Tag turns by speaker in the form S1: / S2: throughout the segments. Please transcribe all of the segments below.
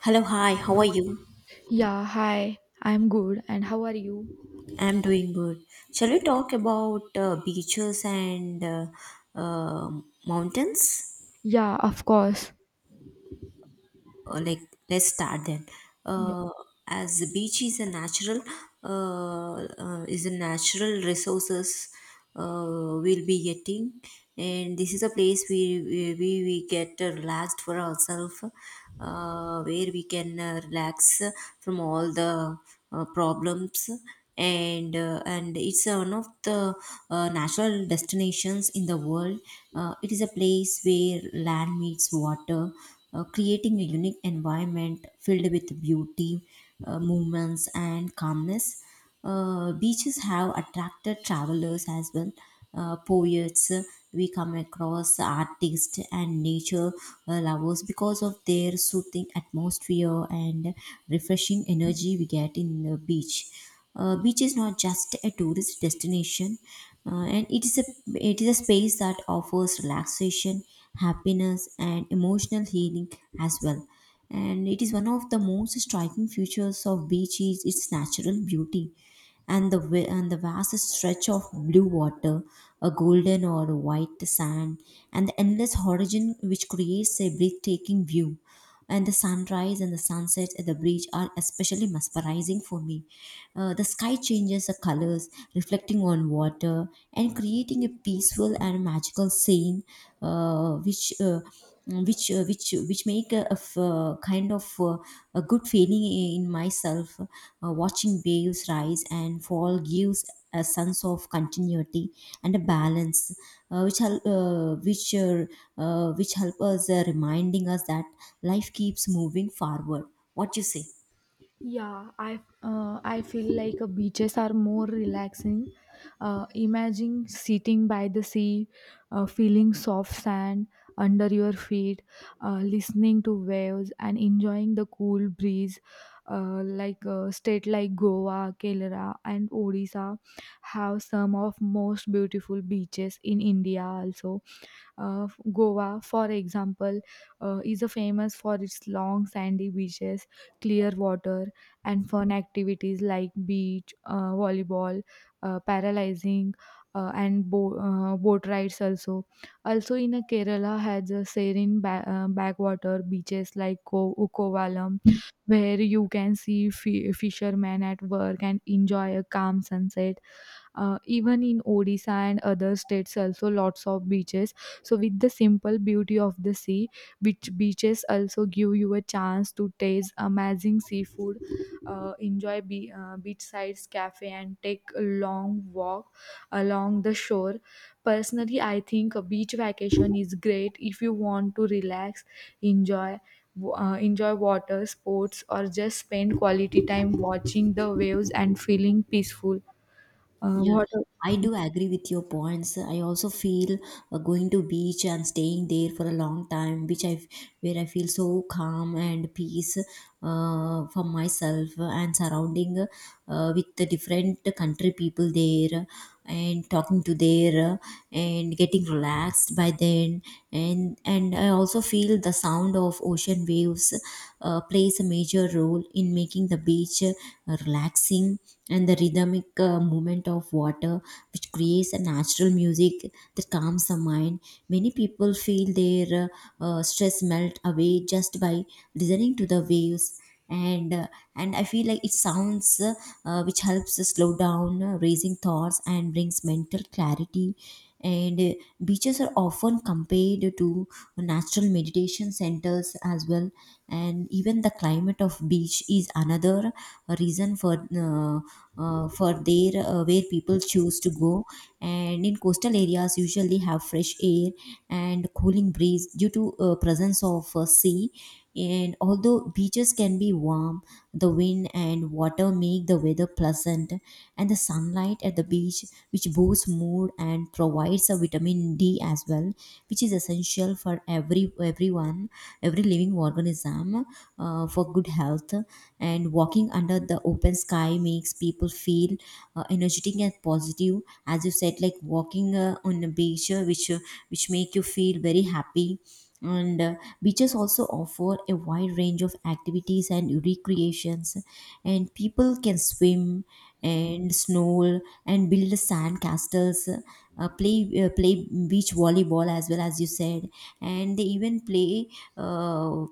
S1: Hello, hi, how are you?
S2: Yeah, hi. I'm good. And how are you?
S1: I'm doing good. Shall we talk about beaches and uh, mountains?
S2: Yeah, of course.
S1: Or like, let's start then.
S2: Yeah.
S1: Uh, as the beach is a natural resources we'll be getting, and this is a place we get relaxed for ourselves, where we can relax from all the problems, and it's one of the natural destinations in the world. It is a place where land meets water, creating a unique environment filled with beauty, movements, and calmness. Beaches have attracted travelers as well, poets, we come across artists and nature lovers because of their soothing atmosphere and refreshing energy we get in the beach. Beach is not just a tourist destination, and it is a space that offers relaxation, happiness, and emotional healing as well. And it is one of the most striking features of beach is its natural beauty, and and the vast stretch of blue water, a golden or white sand, and the endless horizon which creates a breathtaking view, and the sunrise and the sunset at the beach are especially mesmerizing for me. The sky changes the colors, reflecting on water and creating a peaceful and magical scene, uh, which. Uh, which make a kind of a good feeling in myself. Watching waves rise and fall gives a sense of continuity and a balance, uh, which help, uh, which uh, which help us, reminding us that life keeps moving forward. What you say?
S2: Yeah, I feel like beaches are more relaxing. Imagine sitting by the sea, feeling soft sand under your feet, listening to waves and enjoying the cool breeze. State like Goa, Kerala, and Odisha have some of most beautiful beaches in India. Also, Goa, for example, is a famous for its long sandy beaches, clear water, and fun activities like volleyball, paralyzing, and boat rides also. Also in a Kerala has a serene backwater beaches like Ukovalam where you can see fishermen at work and enjoy a calm sunset, even in Odisha and other states, also lots of beaches. So, with the simple beauty of the sea, which beaches also give you a chance to taste amazing seafood, enjoy beachside cafe, and take a long walk along the shore. Personally, I think a beach vacation is great if you want to relax, enjoy enjoy water sports or just spend quality time watching the waves and feeling peaceful.
S1: Yeah.
S2: What?
S1: I do agree with your points. I also feel going to beach and staying there for a long time, which I where I feel so calm and peace for myself and surrounding, with the different country people there and talking to their, and getting relaxed by then. And I also feel the sound of ocean waves plays a major role in making the beach relaxing, and the rhythmic movement of water, which creates a natural music that calms the mind. Many people feel their stress melt away just by listening to the waves. And uh, and I feel like it sounds, which helps to slow down raising thoughts and brings mental clarity. And beaches are often compared to natural meditation centers as well. And even the climate of beach is another reason for, uh, for there where people choose to go. And in coastal areas usually have fresh air and cooling breeze due to presence of sea. And although beaches can be warm, the wind and water make the weather pleasant, and the sunlight at the beach, which boosts mood and provides a vitamin D as well, which is essential for everyone, every living organism, for good health. And walking under the open sky makes people feel energetic and positive, as you said, like walking on a beach, which make you feel very happy. And beaches also offer a wide range of activities and recreations, and people can swim and snorkel and build sand castles, play beach volleyball as well as you said. And they even play uh,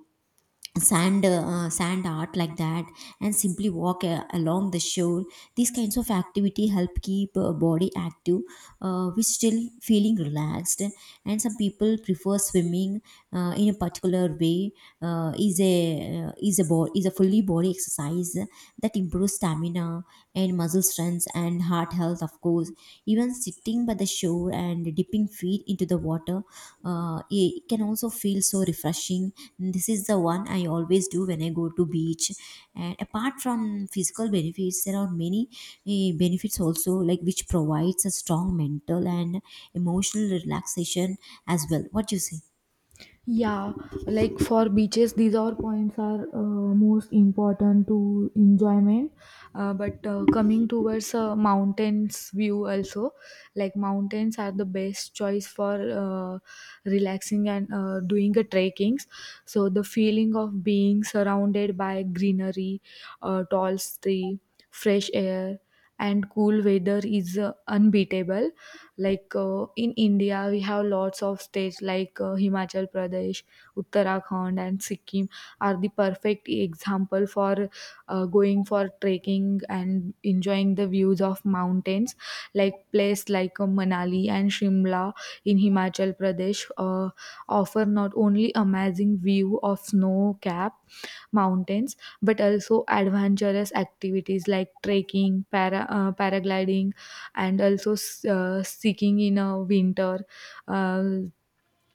S1: sand art like that, and simply walk along the shore. These kinds of activity help keep body active, which still feeling relaxed. And some people prefer swimming in a particular way. Uh, is a bo- is a fully body exercise that improves stamina and muscle strength and heart health, of course. Even sitting by the shore and dipping feet into the water, it can also feel so refreshing. This is the one I always do when I go to beach. And apart from physical benefits, there are many benefits also, like which provides a strong mental and emotional relaxation as well. What do you say?
S2: Yeah, like for beaches, these are points are most important to enjoyment. But coming towards mountains view also, like mountains are the best choice for relaxing and doing a trekkings. So the feeling of being surrounded by greenery, tall tree, fresh air, and cool weather is unbeatable. Like in India, we have lots of states like Himachal Pradesh, Uttarakhand, and Sikkim are the perfect example for going for trekking and enjoying the views of mountains. Like place like Manali and Shimla in Himachal Pradesh offer not only amazing view of snow-capped mountains but also adventurous activities like trekking, paragliding and also seeking in a winter. Uh,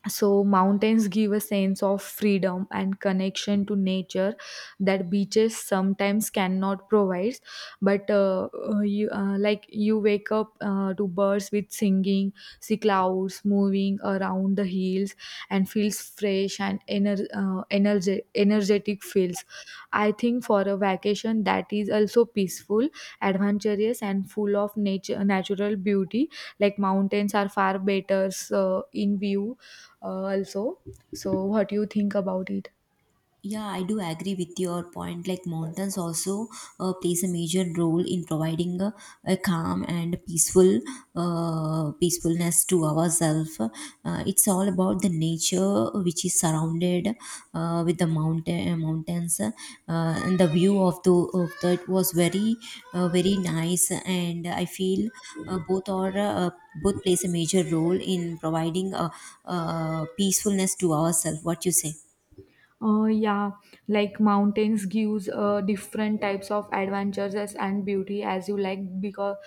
S2: so, mountains give a sense of freedom and connection to nature that beaches sometimes cannot provide. But you wake up to birds with singing, see clouds moving around the hills, and feels fresh and energetic feels. I think for a vacation that is also peaceful, adventurous, and full of nature, natural beauty, like mountains are far better in view also. So what do you think about it?
S1: Yeah, I do agree with your point. Like mountains also plays a major role in providing a calm and peaceful peacefulness to ourselves. It's all about the nature which is surrounded, with the mountain mountains, and the view of the of that was very very nice. And I feel both are, both plays a major role in providing a, peacefulness to ourselves. What you say?
S2: Yeah, like mountains gives different types of adventures and beauty as you like because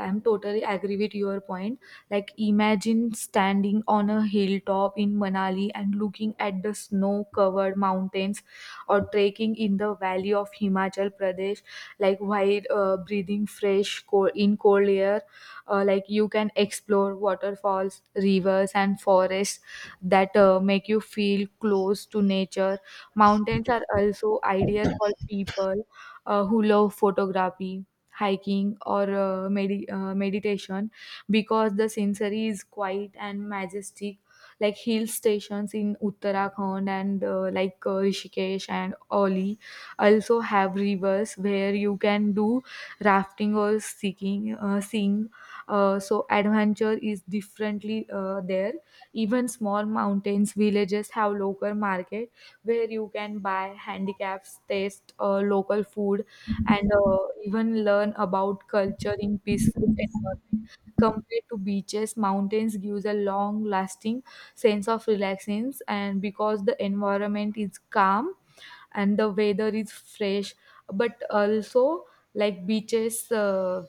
S2: I'm totally agree with your point. Like imagine standing on a hilltop in Manali and looking at the snow-covered mountains or trekking in the valley of Himachal Pradesh, like while breathing fresh cold in cold air, like you can explore waterfalls, rivers and forests that make you feel close to nature. Mountains are also ideal for people who love photography, hiking, or meditation because the scenery is quiet and majestic. Like hill stations in Uttarakhand and Rishikesh and Oli also have rivers where you can do rafting or seeing. So adventure is differently there. Even small mountains villages have local market where you can buy handicaps, taste local food, and even learn about culture in peaceful environment. Compared to beaches, mountains gives a long-lasting sense of relaxation, and because the environment is calm and the weather is fresh, but also like beaches. Uh,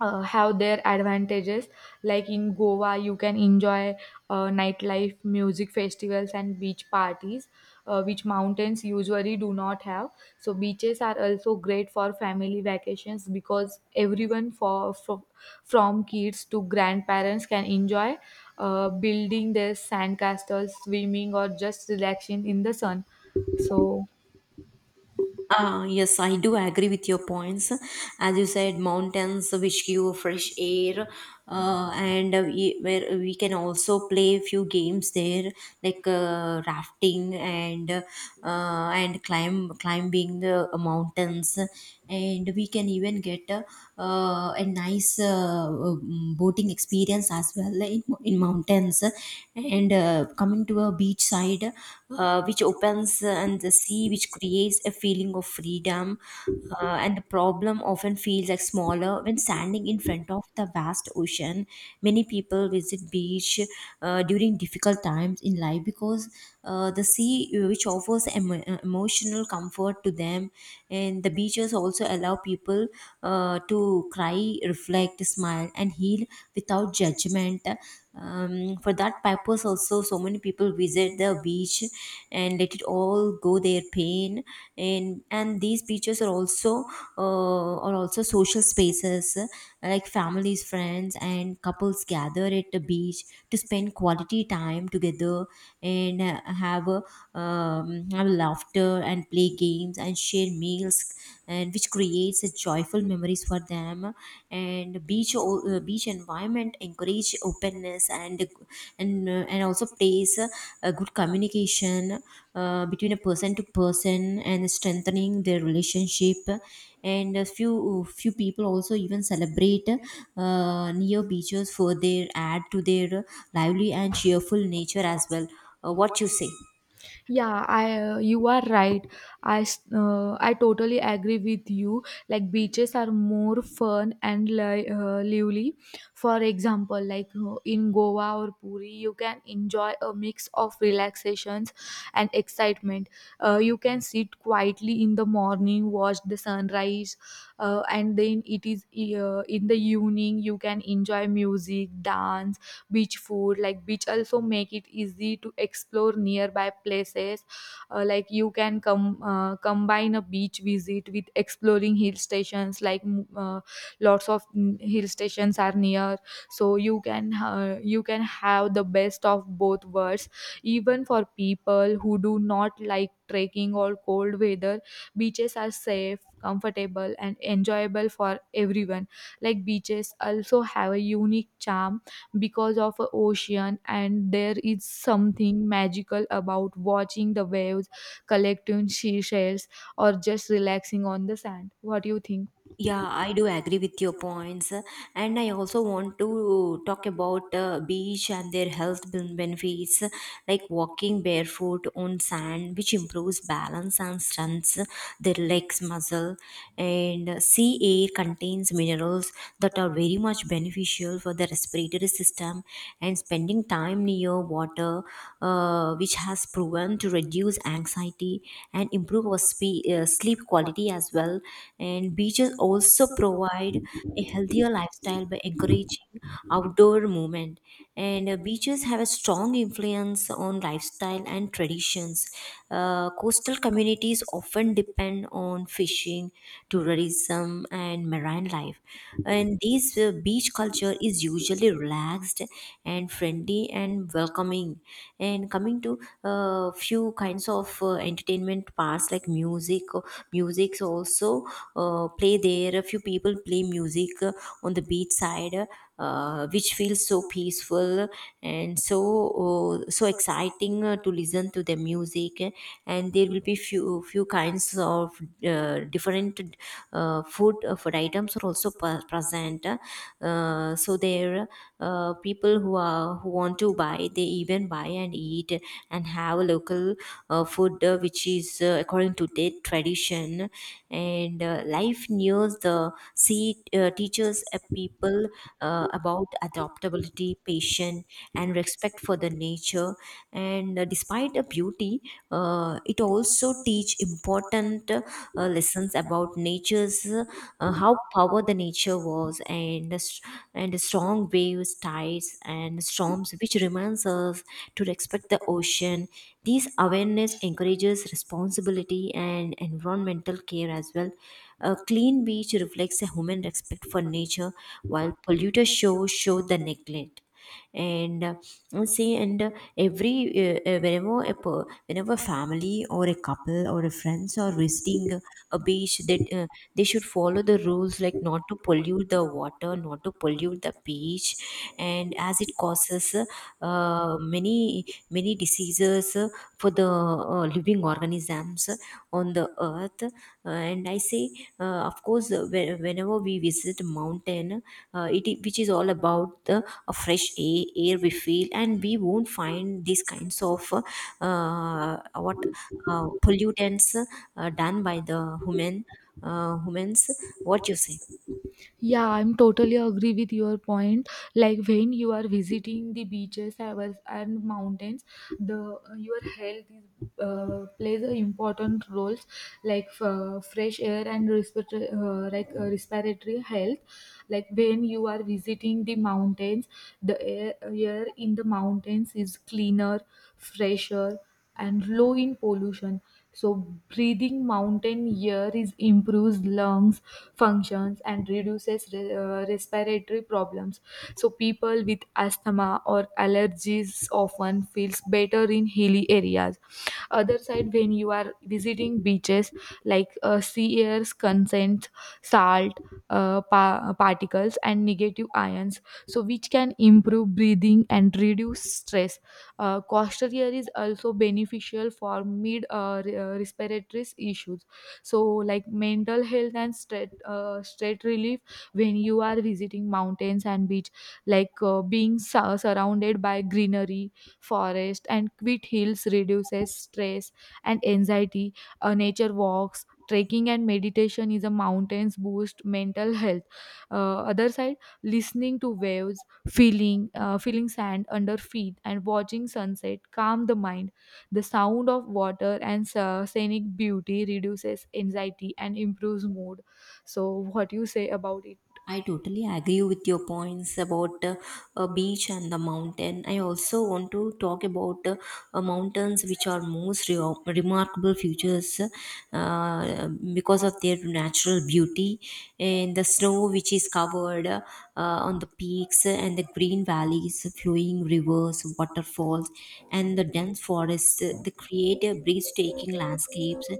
S2: uh, Have their advantages like in goa you can enjoy nightlife music festivals and beach parties, which mountains usually do not have. So beaches are also great for family vacations because everyone for from kids to grandparents can enjoy building their sandcastles swimming or just relaxing in the sun so.
S1: Yes, I do agree with your points. As you said, mountains which give fresh air, where we can also play few games there, like rafting, and climbing the mountains, and we can even get a nice boating experience as well in mountains. And coming to a beach side head, which opens, and the sea, which creates a feeling of freedom. And the problem often feels like smaller when standing in front of the vast ocean. Many people visit beach during difficult times in life because, the sea, emotional comfort to them, and the beaches also allow people to cry, reflect, smile, and heal without judgment. For that purpose also so many people visit the beach and let it all go their pain. And these beaches are also, are also social spaces, like families, friends, and couples gather at the beach to spend quality time together, and have a, have laughter and play games and share meals, and which creates a joyful memories for them. And beach environment encourage openness, and and also place, a good communication between a person to person and strengthening their relationship. And a few people also even celebrate near beaches for their add to their lively and cheerful nature as well. What you say?
S2: Yeah, I you are right. I totally agree with you. Like beaches are more fun and lively. For example, like in Goa or Puri, you can enjoy a mix of relaxations and excitement. You can sit quietly in the morning, watch the sunrise, and then it is in the evening you can enjoy music, dance beach food. Like beach also make it easy to explore nearby places, like you can come combine a beach visit with exploring hill stations like lots of hill stations are near, so you can have the best of both worlds. Even for people who do not like trekking or cold weather, beaches are safe comfortable and enjoyable for everyone. Like beaches also have a unique charm because of a ocean and there is something magical about watching the waves, collecting seashells or just relaxing on the sand. What do you think?
S1: Yeah, I do agree with your points, and I also want to talk about beach and their health benefits, like walking barefoot on sand, which improves balance and strengthens the legs muscle. And sea air contains minerals that are very much beneficial for the respiratory system. And spending time near water, which has proven to reduce anxiety and improve our sleep quality as well. And beaches also provide a healthier lifestyle by encouraging outdoor movement. And beaches have a strong influence on lifestyle and traditions. Coastal communities often depend on fishing, tourism, and marine life. And this beach culture is usually relaxed and friendly and welcoming. And coming to a few kinds of entertainment parts like music or musics also play there. A few people play music on the beach side, which feels so peaceful and so so exciting to listen to the music. And there will be few kinds of different food items are also present, so there, people who are who want to buy, they even buy and eat and have a local food, which is according to their tradition. And life nears the sea teaches a people about adaptability, patience, and respect for the nature. And despite the beauty, it also teach important lessons about nature's, how power the nature was, and the strong waves, tides, and storms, which reminds us to respect the ocean. These awareness encourages responsibility and environmental care as well. A clean beach reflects a human respect for nature, while polluted shores show the neglect. And and see and every whenever a per- Whenever a family or a couple or a friends are visiting a beach, that, they should follow the rules, like not to pollute the water, not to pollute the beach. And as it causes many many diseases for the living organisms on the earth. And I say, of course, whenever we visit mountain, which is all about the air we feel, and we won't find these kinds of what pollutants done by the humans. What you say?
S2: Yeah, I'm totally agree with your point. Like when you are visiting the beaches and mountains, the your health is, plays a important roles. Like fresh air and respiratory, respiratory health. Like when you are visiting the mountains, the air in the mountains is cleaner fresher and low in pollution. So breathing mountain air is improves lungs functions and reduces respiratory problems, so people with asthma or allergies often feels better in hilly areas. Other side, when you are visiting beaches, like sea air's consents salt, particles and negative ions, so which can improve breathing and reduce stress. Coastal air is also beneficial for mid respiratory issues. So like mental health and stress relief when you are visiting mountains and beach, like being surrounded by greenery, forest and quit hills reduces stress and anxiety. Nature walks, trekking and meditation is a mountains boost mental health. Other side, listening to waves, feeling sand under feet and watching sunset calm the mind. The sound of water and scenic beauty reduces anxiety and improves mood. So what you say about it?
S1: I totally agree with your points about a beach and the mountain. I also want to talk about mountains, which are most remarkable features uh, because of their natural beauty and the snow, which is covered on the peaks and the green valleys, flowing rivers, waterfalls, and the dense forests, they create breathtaking landscapes.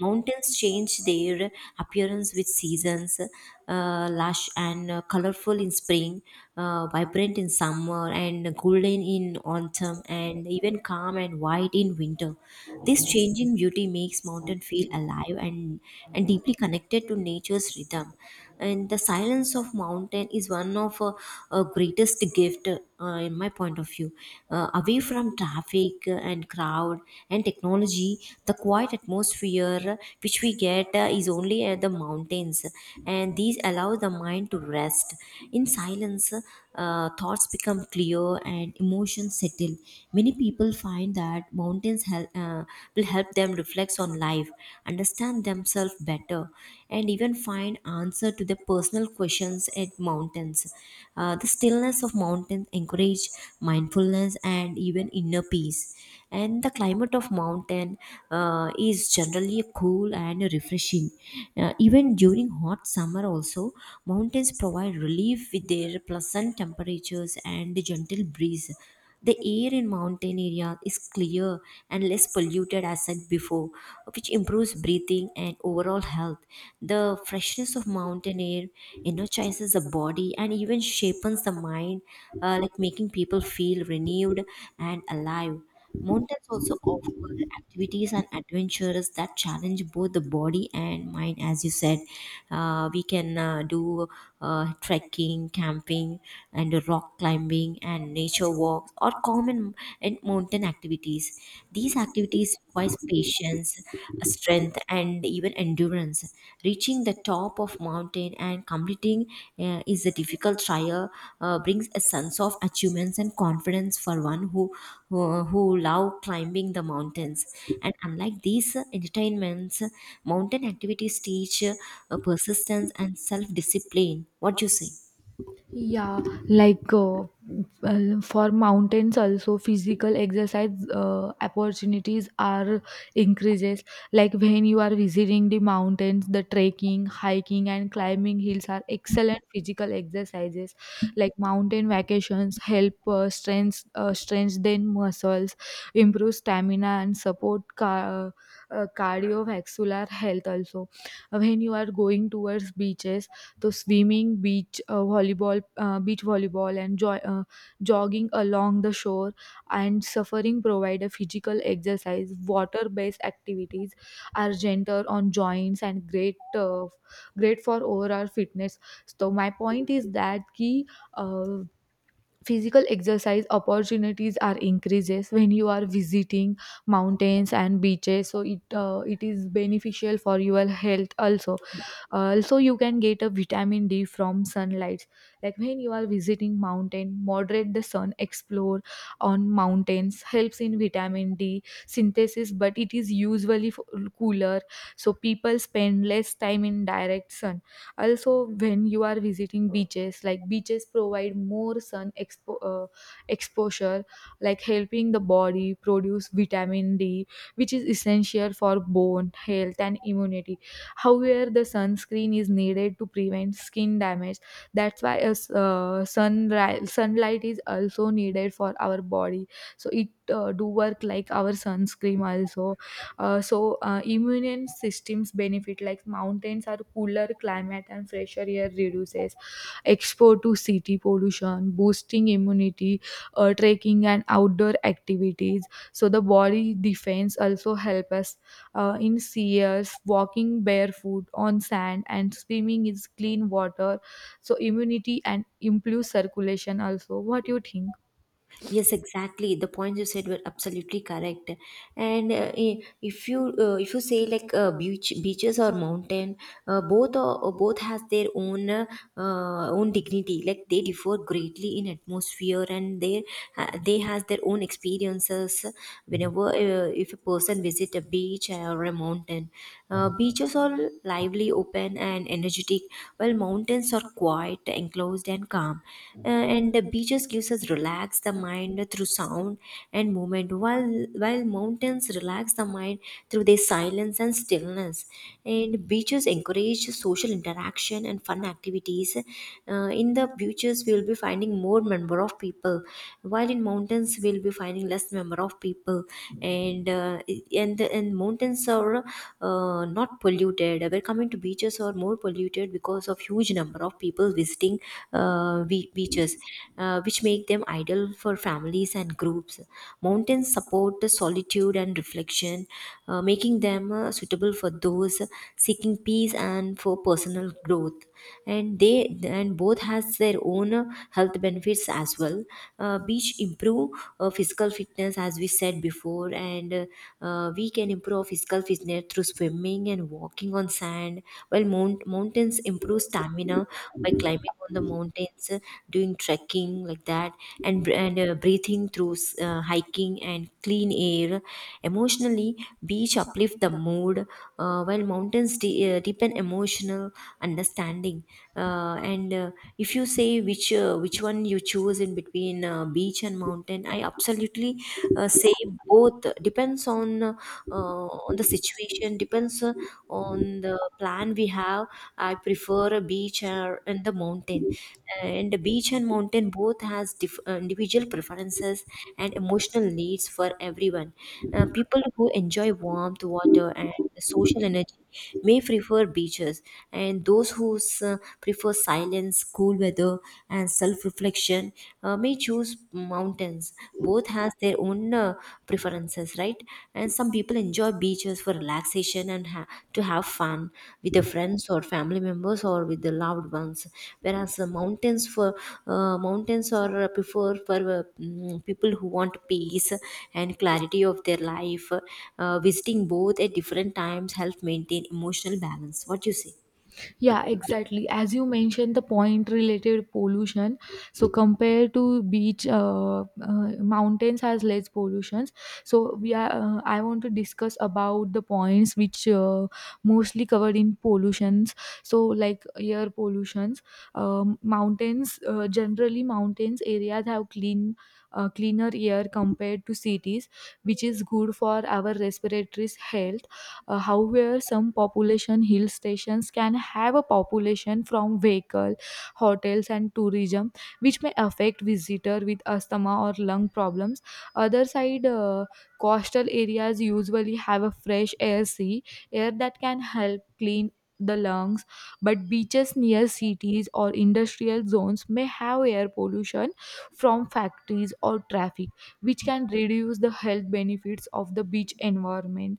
S1: Mountains change their appearance with seasons, lush and colorful in spring, vibrant in summer, and golden in autumn, and even calm and white in winter. This changing beauty makes mountain feel alive and deeply connected to nature's rhythm. And the silence of mountain is one of greatest gift in my point of view, away from traffic and crowd and technology. The quiet atmosphere which we get, is only at the mountains, and these allow the mind to rest in silence. Thoughts become clear and emotions settle. Many people find that will help them reflect on life, understand themselves better, and even find answer to their personal questions at mountains. The stillness of mountains encourage mindfulness and even inner peace. And the climate of mountain is generally cool and refreshing. Even during hot summer, also mountains provide relief with their pleasant temperatures and gentle breeze. The air in mountain areas is clear and less polluted, as said before, which improves breathing and overall health. The freshness of mountain air energizes the body and even shapens the mind, like making people feel renewed and alive. Mountains also offer activities and adventures that challenge both the body and mind. As you said, we can do trekking, camping, and rock climbing, and nature walks or common and mountain activities. These activities require patience, strength, and even endurance distance. Reaching the top of mountain and completing is a difficult trial, brings a sense of achievements and confidence for one who love climbing the mountains. And unlike these entertainments, mountain activities teach persistence and self-discipline. What do you say?
S2: Yeah, like uh, well, for mountains also physical exercise opportunities are increases. Like when you are visiting the mountains, the trekking, hiking, and climbing hills are excellent physical exercises. Like mountain vacations help strengthen muscles, improve stamina, and support cardiovascular health also. When you are going towards beaches, so swimming, beach volleyball, and jogging along the shore and suffering provide a physical exercise. Water-based activities are gentle on joints and great for overall fitness. So my point is that key. Uh, Physical exercise opportunities are increases when you are visiting mountains and beaches, so it is beneficial for your health also. Also you can get a vitamin d from sunlight, like when you are visiting mountain, moderate the sun explore on mountains helps in vitamin d synthesis but it is usually cooler, so people spend less time in direct sun. Also when you are visiting beaches, like beaches provide more sun exposure, like helping the body produce vitamin d, which is essential for bone health and immunity. However, the sunscreen is needed to prevent skin damage. That's why a sunlight is also needed for our body. So it do work like our sunscreen also. So immune systems benefit like mountains are cooler climate and fresher air reduces exposure to city pollution, boosting immunity, trekking and outdoor activities. So the body defense also help us in sears walking barefoot on sand and swimming is clean water, so immunity and improves circulation also. What do you think?
S1: Yes, exactly. The points you said were absolutely correct. And if you say like beaches or mountain, both are, both has their own own dignity. Like they differ greatly in atmosphere, and they has their own experiences. Whenever if a person visit a beach or a mountain, beaches are lively, open, and energetic, while mountains are quiet, enclosed and calm. And the beaches gives us relax the mind through sound and movement, while mountains relax the mind through their silence and stillness. And beaches encourage social interaction and fun activities. Uh, in the beaches, we will be finding more number of people, while in mountains, we will be finding less number of people. And uh, and mountains are not polluted. We're coming frequent. Beaches are more polluted because of huge number of people visiting beaches, which make them ideal for families and groups. Mountains support the solitude and reflection, making them suitable for those seeking peace and for personal growth. And both has their own health benefits as well. Beach improve physical fitness, as we said before, and we can improve physical fitness through swimming and walking on sand, while mountains improve stamina by climbing on the mountains, doing trekking like that, and breathing through hiking and clean air. Emotionally, beach uplift the mood, while mountains deepen emotional understanding. And If you say which one you choose in between beach and mountain, I absolutely say both depends on the situation, depends on the plan we have. I prefer a beach or in the mountain, and the beach and mountain both has individual preferences and emotional needs for everyone. People who enjoy warmth, water, and the social energy may prefer beaches, and those prefer silence, cool weather, and self-reflection may choose mountains. Both has their own preferences, right? And some people enjoy beaches for relaxation and to have fun with the friends or family members or with the loved ones, whereas the mountains for mountains are preferred for people who want peace and clarity of their life. Visiting both at different times help maintain emotional balance. What do you say?
S2: Yeah, exactly. As you mentioned, the point related pollution. So compared to beach, mountains has less pollutions. So we are. I want to discuss about the points which mostly covered in pollutions. So like air pollutions, mountains. Generally, mountains areas have cleaner air compared to cities, which is good for our respiratory health. However, some population hill stations can have a population from vehicle, hotels, and tourism, which may affect visitor with asthma or lung problems. Other side, coastal areas usually have a fresh air sea air that can help clean the lungs, but beaches near cities or industrial zones may have air pollution from factories or traffic, which can reduce the health benefits of the beach environment.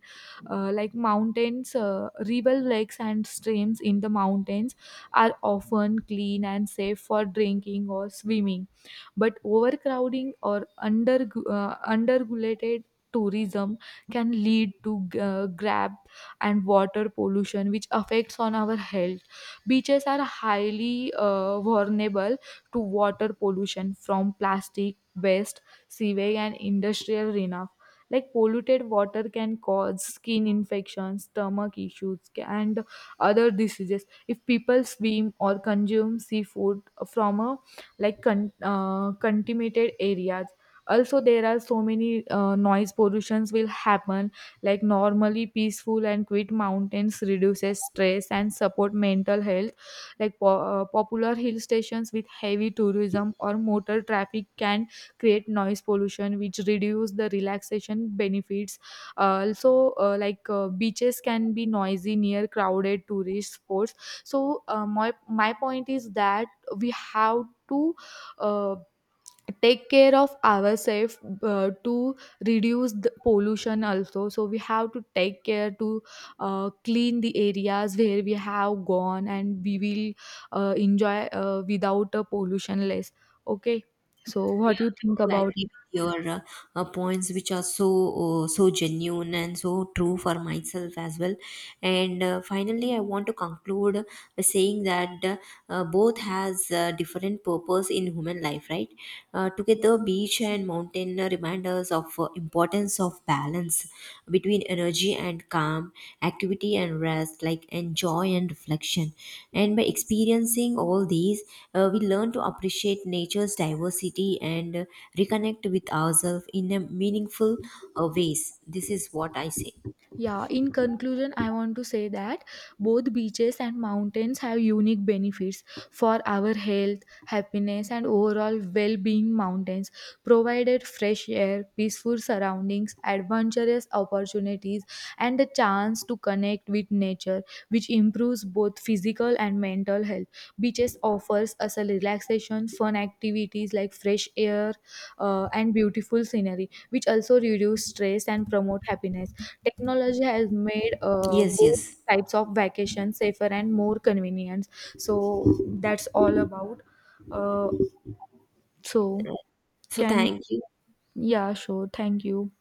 S2: Like mountains, river lakes and streams in the mountains are often clean and safe for drinking or swimming. But overcrowding or underregulated tourism can lead to grab and water pollution which affects on our health. Beaches are highly vulnerable to water pollution from plastic waste, sewage and industrial runoff. Like polluted water can cause skin infections, stomach issues, and other diseases. If people swim or consume seafood from a like contaminated areas, also there are so many noise pollutions will happen. Like normally peaceful and quiet mountains reduces stress and support mental health, like popular hill stations with heavy tourism or motor traffic can create noise pollution which reduce the relaxation benefits. Also beaches can be noisy near crowded tourist spots. So my my point is that we have to uh, take care of ourselves to reduce the pollution also. So we have to take care to clean the areas where we have gone and we will enjoy without a pollution less, okay? So what do
S1: Yeah,
S2: you
S1: I
S2: think
S1: do agree
S2: about?
S1: with your points, which are so so genuine and so true for myself as well. And finally, I want to conclude by saying that both has different purpose in human life, right? Together, beach and mountain remind us of importance of balance between energy and calm, activity and rest, like enjoy and reflection. And by experiencing all these, we learn to appreciate nature's diversity and reconnect with ourselves in a meaningful ways. This is what I say.
S2: Yeah, in conclusion, I want to say that both beaches and mountains have unique benefits for our health, happiness, and overall well being. Mountains provided fresh air, peaceful surroundings, adventurous opportunities, and the chance to connect with nature, which improves both physical and mental health. Beaches offers us a relaxation, fun activities like fresh air, and beautiful scenery, which also reduce stress and promote happiness. Technology has made
S1: Yes,
S2: both
S1: yes.
S2: types of vacation safer and more convenient. So that's all about. Uh, so
S1: So
S2: can,
S1: thank you.
S2: yeah, sure. Thank you.